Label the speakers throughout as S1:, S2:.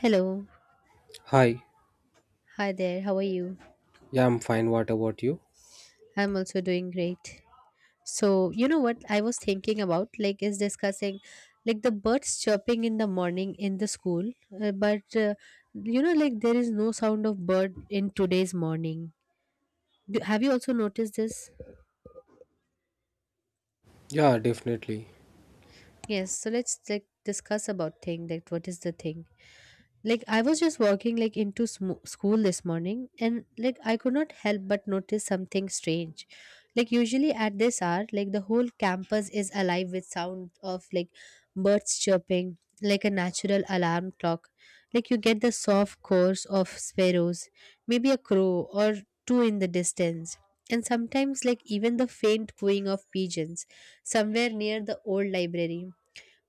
S1: Hello.
S2: Hi,
S1: Hi there. How are you?
S2: yeah, I'm fine. What about you?
S1: I'm also doing great. So, you know what I was thinking about like is discussing like the birds chirping in the morning in the school, but like there is no sound of bird in today's morning. Have you also noticed this?
S2: Yeah, definitely.
S1: Yes, so let's like discuss about thing that what is the thing? Like I was just walking like into school this morning, and like I could not help but notice something strange. Like usually at this hour, like the whole campus is alive with sound of like birds chirping, like a natural alarm clock. Like you get the soft chorus of sparrows, maybe a crow or two in the distance, and sometimes like even the faint cooing of pigeons somewhere near the old library.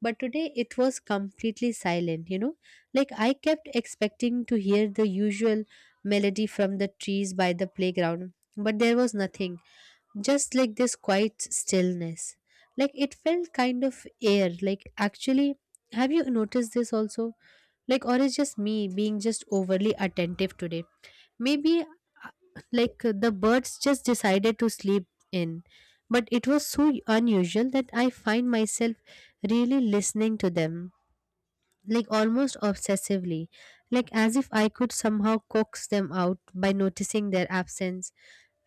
S1: But today it was completely silent. Like I kept expecting to hear the usual melody from the trees by the playground, but there was nothing, just like this quiet stillness. Like it felt kind of air. Like actually, have you noticed this also? Like, or is just me being just overly attentive today? Maybe uh, like the birds just decided to sleep in. But it was so unusual that I find myself really listening to them, like almost obsessively, like as if I could somehow coax them out by noticing their absence.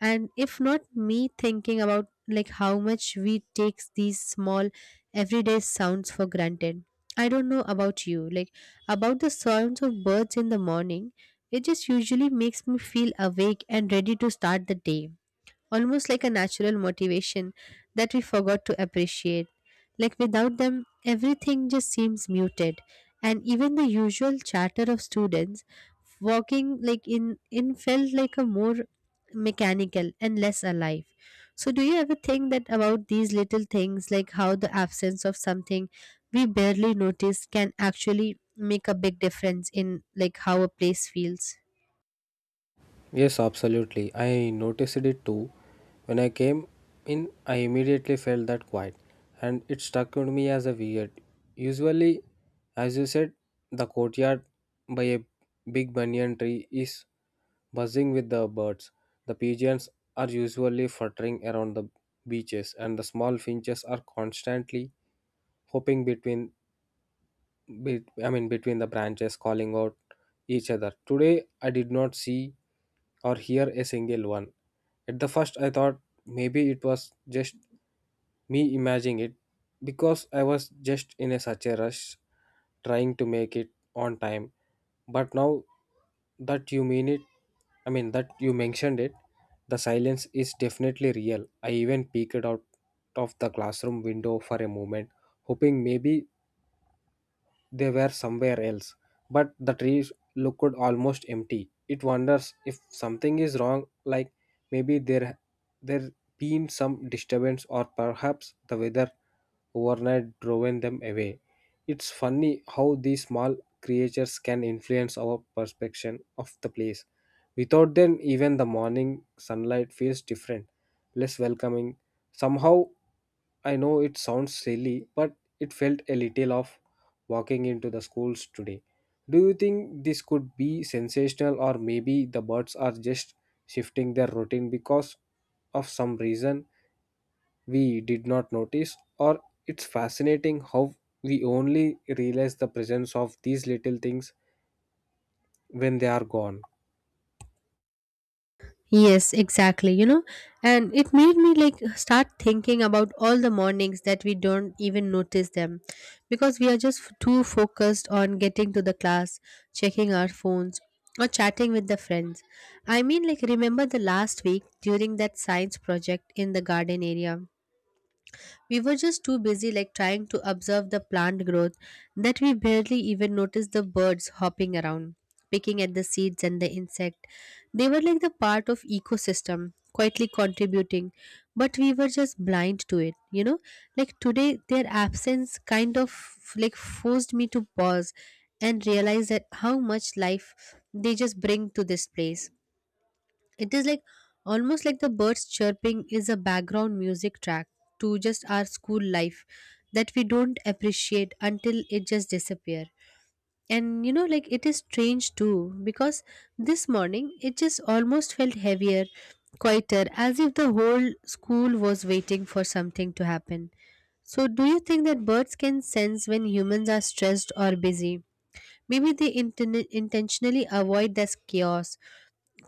S1: And if not me thinking about like how much we take these small everyday sounds for granted. I don't know about you, like about the sounds of birds in the morning, it just usually makes me feel awake and ready to start the day, almost like a natural motivation that we forgot to appreciate. Like without them, everything just seems muted, and even the usual chatter of students walking like in felt like a more mechanical and less alive. So do you ever think that about these little things, like how the absence of something we barely notice can actually make a big difference in like how a place feels?
S2: Yes, absolutely. I noticed it too. When I came in, I immediately felt that quiet, and it struck on me as a weird. Usually, as you said, the courtyard by a big banyan tree is buzzing with the birds. The pigeons are usually fluttering around the beaches, and the small finches are constantly hopping between between the branches calling out each other. Today, I did not see or hear a single one. At the first, I thought maybe it was just me imagining it because I was just in a such a rush trying to make it on time. But now that you mean it, that you mentioned it, the silence is definitely real. I even peeked out of the classroom window for a moment, hoping maybe they were somewhere else, but the trees looked almost empty. It wonders if something is wrong, like maybe there been some disturbance or perhaps the weather overnight driven them away. It's funny how these small creatures can influence our perception of the place. Without them, even the morning sunlight feels different, less welcoming. Somehow, I know it sounds silly, but it felt a little of walking into the schools today. Do you think this could be sensational, or maybe the birds are just shifting their routine because of some reason we did not notice? Or it's fascinating how we only realize the presence of these little things when they are gone.
S1: Yes, exactly. You know, and it made me like start thinking about all the mornings that we don't even notice them because we are just too focused on getting to the class, checking our phones, or chatting with the friends. I mean, like, remember the last week during that science project in the garden area? We were just too busy, like trying to observe the plant growth, that we barely even noticed the birds hopping around, picking at the seeds and the insect. They were like the part of ecosystem, quietly contributing, but we were just blind to it. You know, like today, their absence kind of like forced me to pause and realize that how much life they just bring to this place. It is like almost like the birds chirping is a background music track to just our school life that we don't appreciate until it just disappear. And you know, like it is strange too because this morning it just almost felt heavier, quieter, as if the whole school was waiting for something to happen. So, do you think that birds can sense when humans are stressed or busy? Maybe they intentionally avoid this chaos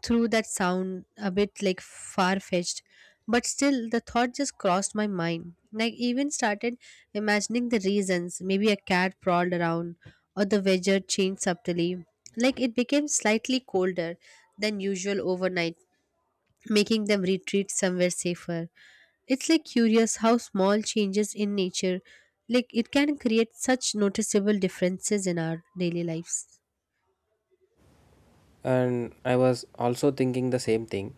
S1: through that sound, a bit like far fetched, but still the thought just crossed my mind. Like even started imagining the reasons, maybe a cat prowled around or the weather changed subtly, like it became slightly colder than usual overnight, making them retreat somewhere safer. It's like curious how small changes in nature, like it can create such noticeable differences in our daily lives.
S2: And I was also thinking the same thing,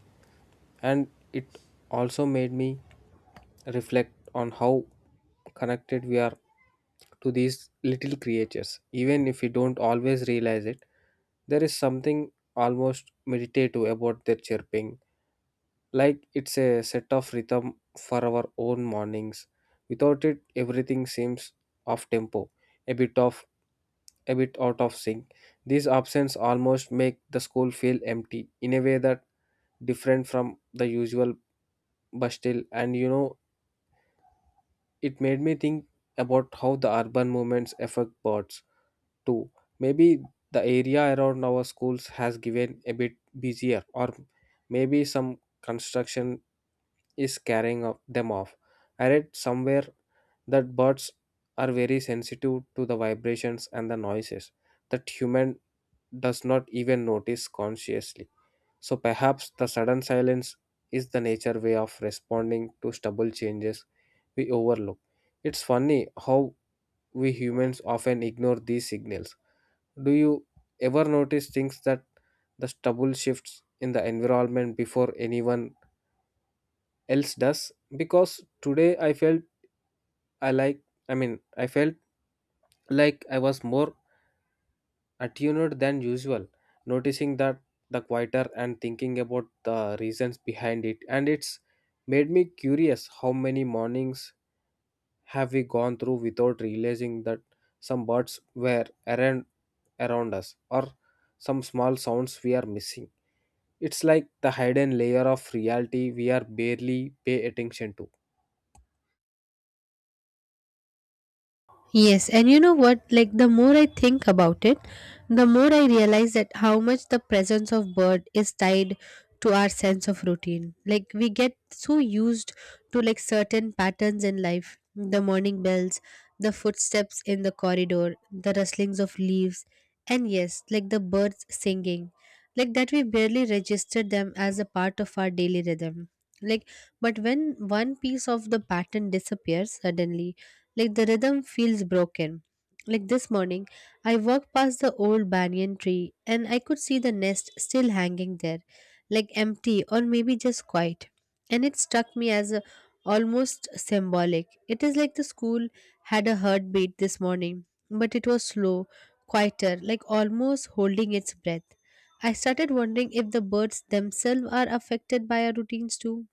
S2: and it also made me reflect on how connected we are to these little creatures. Even if we don't always realize it, there is something almost meditative about their chirping, like it's a set of rhythm for our own mornings. Without it, everything seems off tempo, a bit of a bit out of sync. These absence almost make the school feel empty in a way that different from the usual bustle. And you know, it made me think about how the urban movements affect birds too. Maybe the area around our schools has given a bit busier, or maybe some construction is carrying of- them off. I read somewhere that birds are very sensitive to the vibrations and the noises that human does not even notice consciously. So perhaps the sudden silence is the nature way of responding to stubble changes we overlook. It's funny how we humans often ignore these signals. Do you ever notice things that the stubble shifts in the environment before anyone else does? Because today I felt I like I felt like I was more attuned than usual, noticing that the quieter and thinking about the reasons behind it. And it's made me curious how many mornings have we gone through without realizing that some birds were around us or some small sounds we are missing. It's like the hidden layer of reality we are barely pay attention to.
S1: Yes, and you know what? Like the more I think about it, the more I realize that how much the presence of bird is tied to our sense of routine. Like we get so used to like certain patterns in life, the morning bells, the footsteps in the corridor, the rustlings of leaves, and yes, like the birds singing. Like that we barely register them as a part of our daily rhythm. Like but when one piece of the pattern disappears suddenly, like the rhythm feels broken. Like this morning, I walked past the old banyan tree and I could see the nest still hanging there, like empty or maybe just quiet. And it struck me as a, almost symbolic. It is like the school had a heartbeat this morning, but it was slow, quieter, like almost holding its breath. I started wondering if the birds themselves are affected by our routines too,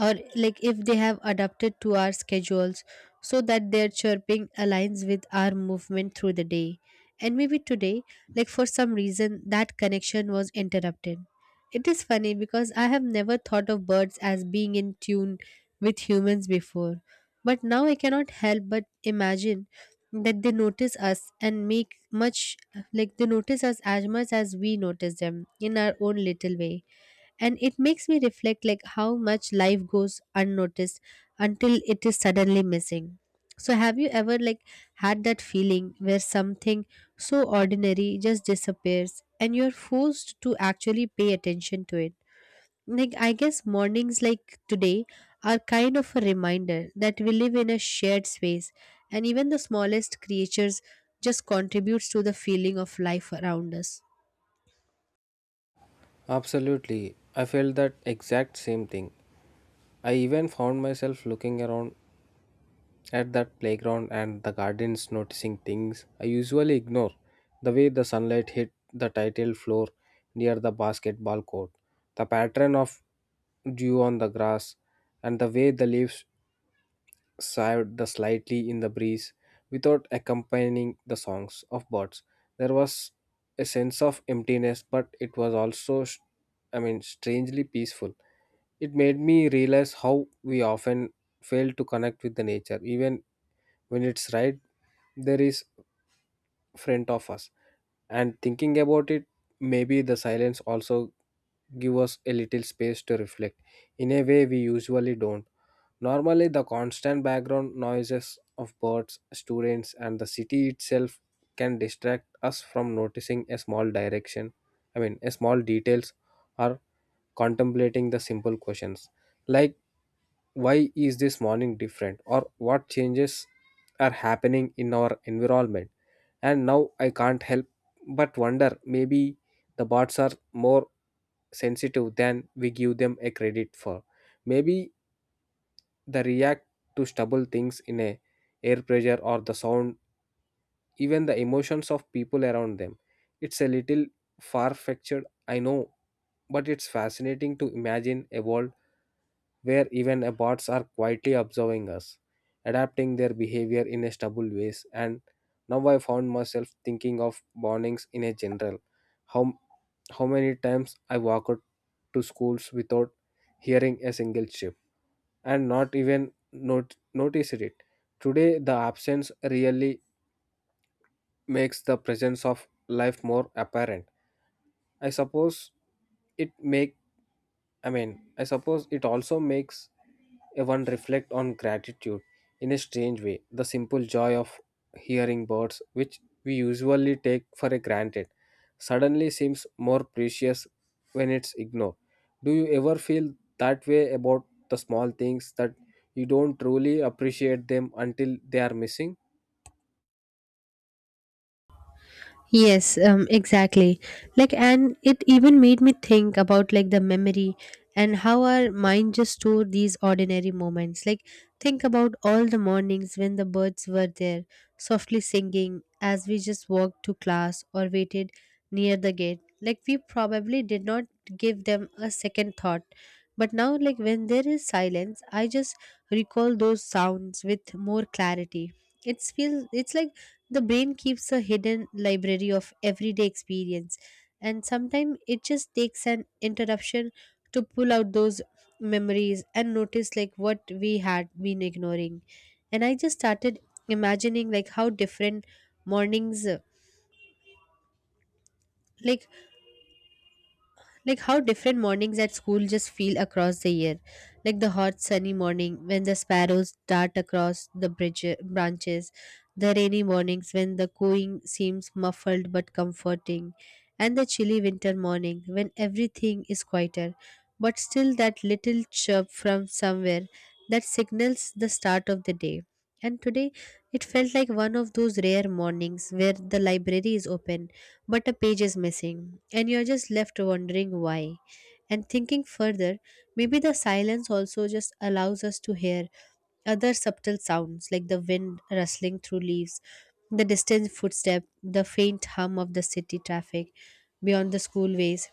S1: or like if they have adapted to our schedules so that their chirping aligns with our movement through the day. And maybe today, like for some reason that connection was interrupted. It is funny because I have never thought of birds as being in tune with humans before, but now I cannot help but imagine that they notice us and make much, like they notice us as much as we notice them in our own little way. And it makes me reflect like how much life goes unnoticed until it is suddenly missing. So have you ever, like, had that feeling where something so ordinary just disappears and you're forced to actually pay attention to it? Like I guess mornings like today are kind of a reminder that we live in a shared space and even the smallest creatures just contributes to the feeling of life around us.
S2: Absolutely. I felt that exact same thing. I even found myself looking around at that playground and the gardens, noticing things I usually ignore. The way the sunlight hit the tile floor near the basketball court, the pattern of dew on the grass, and the way the leaves sighed the slightly in the breeze without accompanying the songs of birds. There was a sense of emptiness, but it was also, strangely peaceful. It made me realize how we often fail to connect with the nature, even when it's right. There is front of us. And thinking about it, maybe the silence also give us a little space to reflect in a way we usually don't. Normally the constant background noises of birds, students, and the city itself can distract us from noticing a small direction I mean a small details, or contemplating the simple questions like why is this morning different or what changes are happening in our environment. And now I can't help but wonder, maybe the bots are more sensitive than we give them a credit for. Maybe they react to stubble things in a air pressure or the sound, even the emotions of people around them. It's a little far-fetched, I know, but it's fascinating to imagine a world where even a bots are quietly observing us, adapting their behavior in a stubble ways. And now I found myself thinking of mornings in a general. How how many times I walk out to schools without hearing a single chip and not even not noticed it. Today the absence really makes the presence of life more apparent. I suppose it make I mean, I suppose it also makes a one reflect on gratitude in a strange way. The simple joy of hearing birds, which we usually take for a granted, suddenly seems more precious when it's ignored. Do you ever feel that way about the small things that you don't truly appreciate them until they are missing?
S1: Yes, exactly. Like, and it even made me think about like the memory and how our mind just store these ordinary moments. Like, think about all the mornings when the birds were there, softly singing as we just walked to class or waited near the gate. Like, we probably did not give them a second thought. But now, like, when there is silence, I just recall those sounds with more clarity. It's like the brain keeps a hidden library of everyday experience, and sometimes it just takes an interruption to pull out those memories and notice like what we had been ignoring. And I just started imagining like how different mornings, like like how different mornings at school just feel across the year. Like the hot sunny morning when the sparrows dart across the bridge branches, the rainy mornings when the cooing seems muffled but comforting, and the chilly winter morning when everything is quieter but still that little chirp from somewhere that signals the start of the day. And today it felt like one of those rare mornings where the library is open but a page is missing and you're just left wondering why. And thinking further, maybe the silence also just allows us to hear other subtle sounds, like the wind rustling through leaves, the distant footstep, the faint hum of the city traffic beyond the schoolways,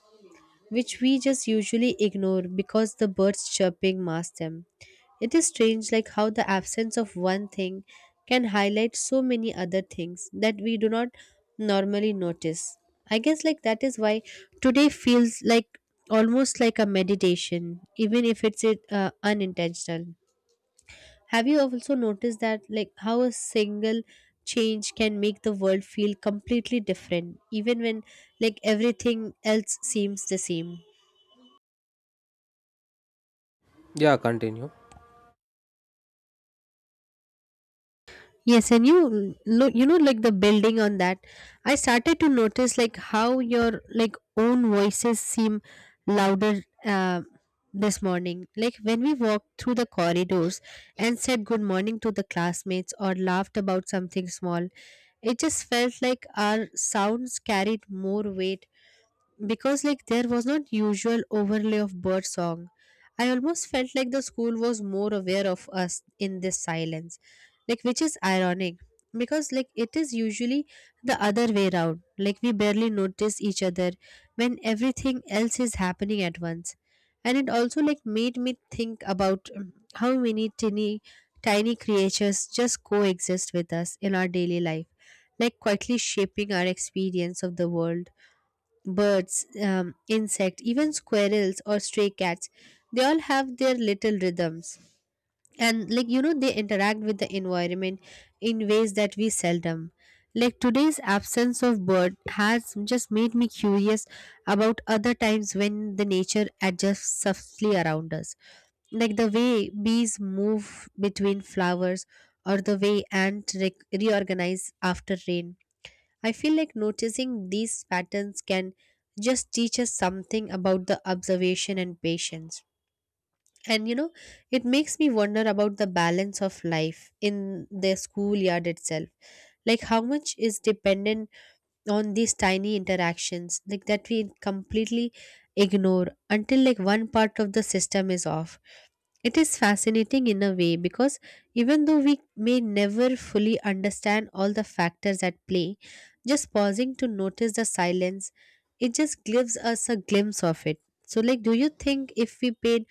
S1: which we just usually ignore because the birds chirping masks them. It is strange like how the absence of one thing can highlight so many other things that we do not normally notice. I guess like that is why today feels like almost like a meditation, even if it's unintentional. Have you also noticed that, like how a single change can make the world feel completely different even when like everything else seems the same?
S2: Yeah, continue.
S1: Yes, and you look, you know, like the building on that. I started to notice like how your like own voices seem louder this morning. Like when we walked through the corridors and said good morning to the classmates or laughed about something small, it just felt like our sounds carried more weight because like there was not usual overlay of bird song. I almost felt like the school was more aware of us in this silence, like which is ironic, because like it is usually the other way around, like we barely notice each other when everything else is happening at once. And it also like made me think about how many tiny creatures just coexist with us in our daily life, like quietly shaping our experience of the world. Birds, insects, even squirrels or stray cats, they all have their little rhythms. And like you know, they interact with the environment in ways that we seldom. Like today's absence of bird has just made me curious about other times when the nature adjusts softly around us, like the way bees move between flowers or the way ants reorganize after rain. I feel like noticing these patterns can just teach us something about the observation and patience. And you know, it makes me wonder about the balance of life in the schoolyard itself. Like, how much is dependent on these tiny interactions like that we completely ignore until like one part of the system is off. It is fascinating in a way because even though we may never fully understand all the factors at play, just pausing to notice the silence, it just gives us a glimpse of it. So like, do you think if we paid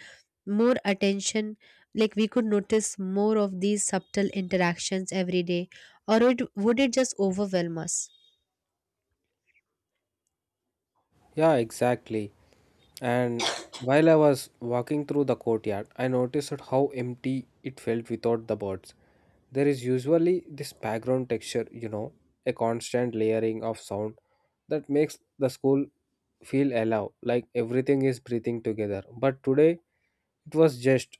S1: more attention, like we could notice more of these subtle interactions every day, or would it just overwhelm us?
S2: Yeah, exactly. And while I was walking through the courtyard, I noticed how empty it felt without the birds. There is usually this background texture, you know, a constant layering of sound that makes the school feel alive, like everything is breathing together. But today, it was just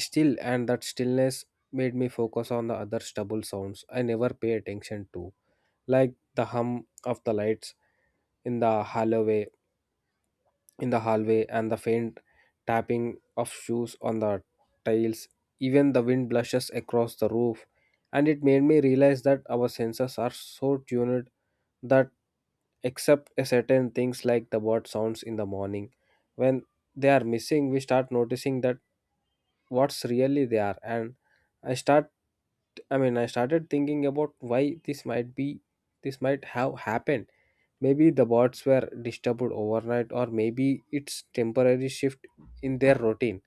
S2: still, and that stillness made me focus on the other stubble sounds I never pay attention to, like the hum of the lights in the hallway in the hallway and the faint tapping of shoes on the tiles. Even the wind blushes across the roof, and it made me realize that our senses are so tuned that, except a certain things like the bird sounds in the morning, when they are missing, we start noticing that what's really they are. And I start, I started thinking about why this might have happened. Maybe the birds were disturbed overnight, or maybe it's temporary shift in their routine.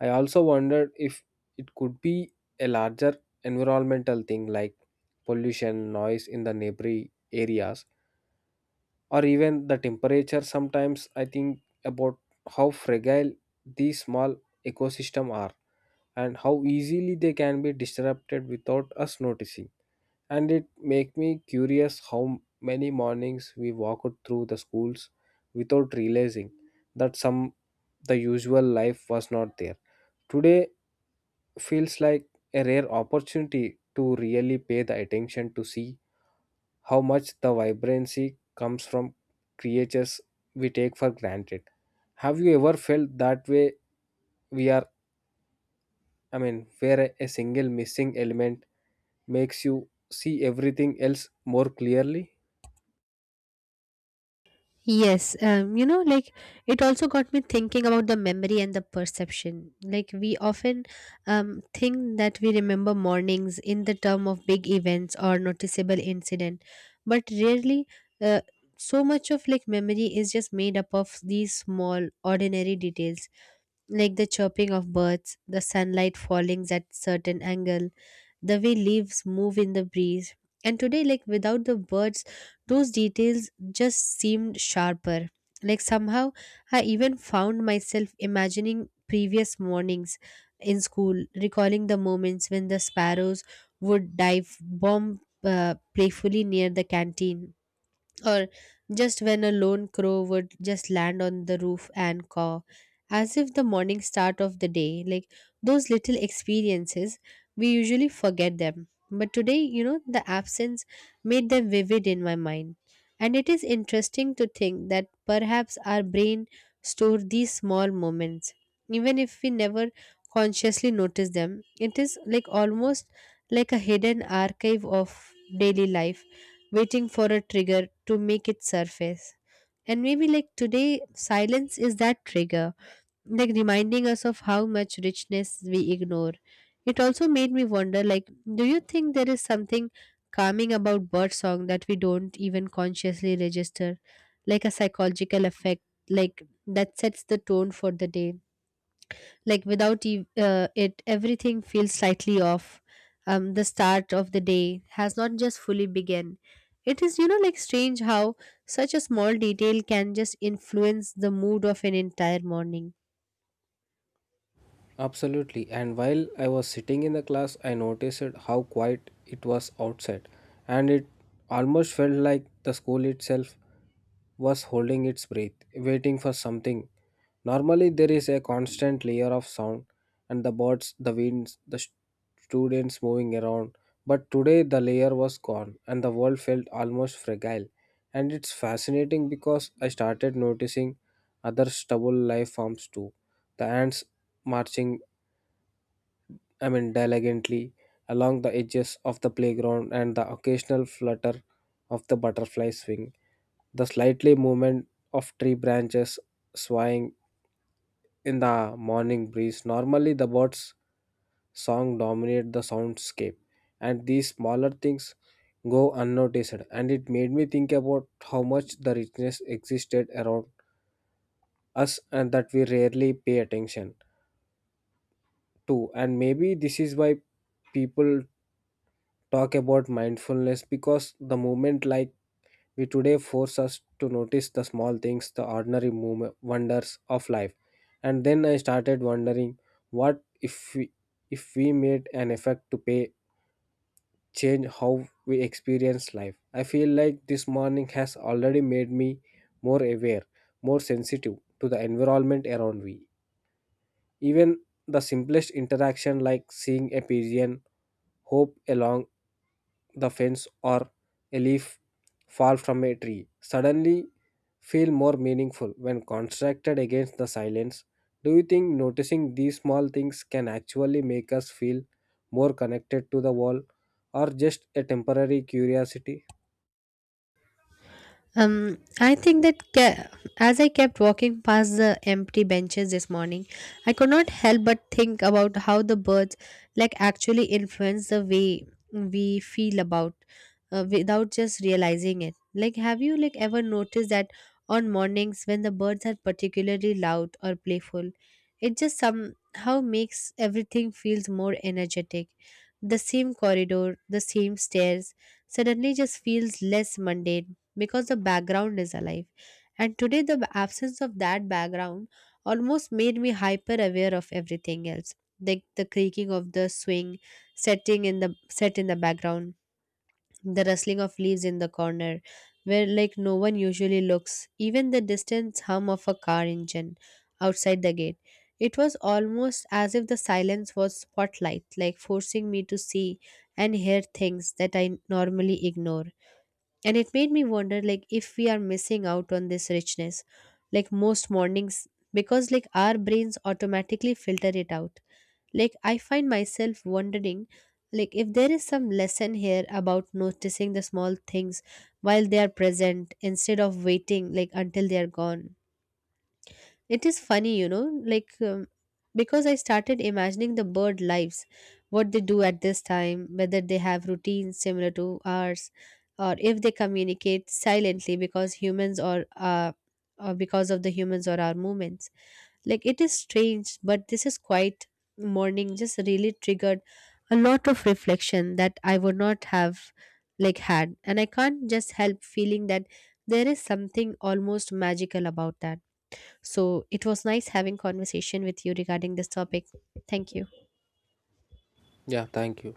S2: I also wondered if it could be a larger environmental thing like pollution, noise in the neighboring areas, or even the temperature. Sometimes I think about how fragile these small ecosystems are and how easily they can be disrupted without us noticing. And it make me curious how many mornings we walked through the schools without realizing that some the usual life was not there. Today feels like a rare opportunity to really pay the attention to see how much the vibrancy comes from creatures we take for granted. Have you ever felt that way we are I mean where a single missing element makes you see everything else more clearly?
S1: Yes, you know, like it also got me thinking about the memory and the perception. Like we often think that we remember mornings in the term of big events or noticeable incident, but rarely uh, so much of like memory is just made up of these small ordinary details, like the chirping of birds, the sunlight falling at certain angle, the way leaves move in the breeze. And today, like without the birds, those details just seemed sharper. Like somehow, I even found myself imagining previous mornings in school, recalling the moments when the sparrows would dive bomb playfully near the canteen, or just when a lone crow would just land on the roof and caw, as if the morning start of the day. Like those little experiences, we usually forget them. But today, you know, the absence made them vivid in my mind. And it is interesting to think that perhaps our brain store these small moments. Even if we never consciously notice them, it is like almost like a hidden archive of daily life waiting for a trigger to make it surface. And maybe like today, silence is that trigger, like reminding us of how much richness we ignore. It also made me wonder like, do you think there is something calming about bird song that we don't even consciously register? Like a psychological effect, like that sets the tone for the day, like without ev- it everything feels slightly off. The start of the day has not just fully begun. It is, you know, like strange how such a small detail can just influence the mood of an entire morning.
S2: Absolutely. And while I was sitting in the class, I noticed how quiet it was outside, and it almost felt like the school itself was holding its breath, waiting for something. Normally, there is a constant layer of sound, and the birds, the winds, students moving around. But today, the layer was gone, and the world felt almost fragile. And it's fascinating because I started noticing other stubble life forms too, the ants marching, diligently along the edges of the playground and the occasional flutter of the butterfly's wing. The slightly movement of tree branches swaying in the morning breeze. Normally, the bird's song dominate the soundscape, and these smaller things go unnoticed. And it made me think about how much the richness existed around us and that we rarely pay attention to. And maybe this is why people talk about mindfulness because the moment like we today force us to notice the small things, the wonders of life. And then I started wondering what if we made an effort to pay change how we experience life. I feel like this morning has already made me more aware, more sensitive to the environment around me. Even the simplest interaction like seeing a pigeon Hope along the fence or a leaf fall from a tree suddenly feel more meaningful when constructed against the silence. Do you think noticing these small things can actually make us feel more connected to the world or just a temporary curiosity?
S1: I think that ca- As I kept walking past the empty benches this morning, I could not help but think about how the birds like actually influence the way we feel about, without just realizing it. Like, have you like ever noticed that on mornings when the birds are particularly loud or playful, it just somehow makes everything feels more energetic. The same corridor, the same stairs, suddenly just feels less mundane because the background is alive. And today, the absence of that background almost made me hyper aware of everything else. Like the creaking of the swing, set in the background, the rustling of leaves in the corner, where like no one usually looks, even the distant hum of a car engine outside the gate. It was almost as if the silence was spotlight, like forcing me to see and hear things that I normally ignore. And it made me wonder like, if we are missing out on this richness like most mornings, because like our brains automatically filter it out. Like I find myself wondering, like if there is some lesson here about noticing the small things while they are present instead of waiting like until they are gone. It is funny, you know, like because I started imagining the bird lives, what they do at this time, whether they have routines similar to ours, or if they communicate silently because of the humans or our movements. Like it is strange, but this is quite morning just really triggered a lot of reflection that I would not have like had, and I can't just help feeling that there is something almost magical about that. So it was nice having conversation with you regarding this topic. Thank you.
S2: Yeah, thank you.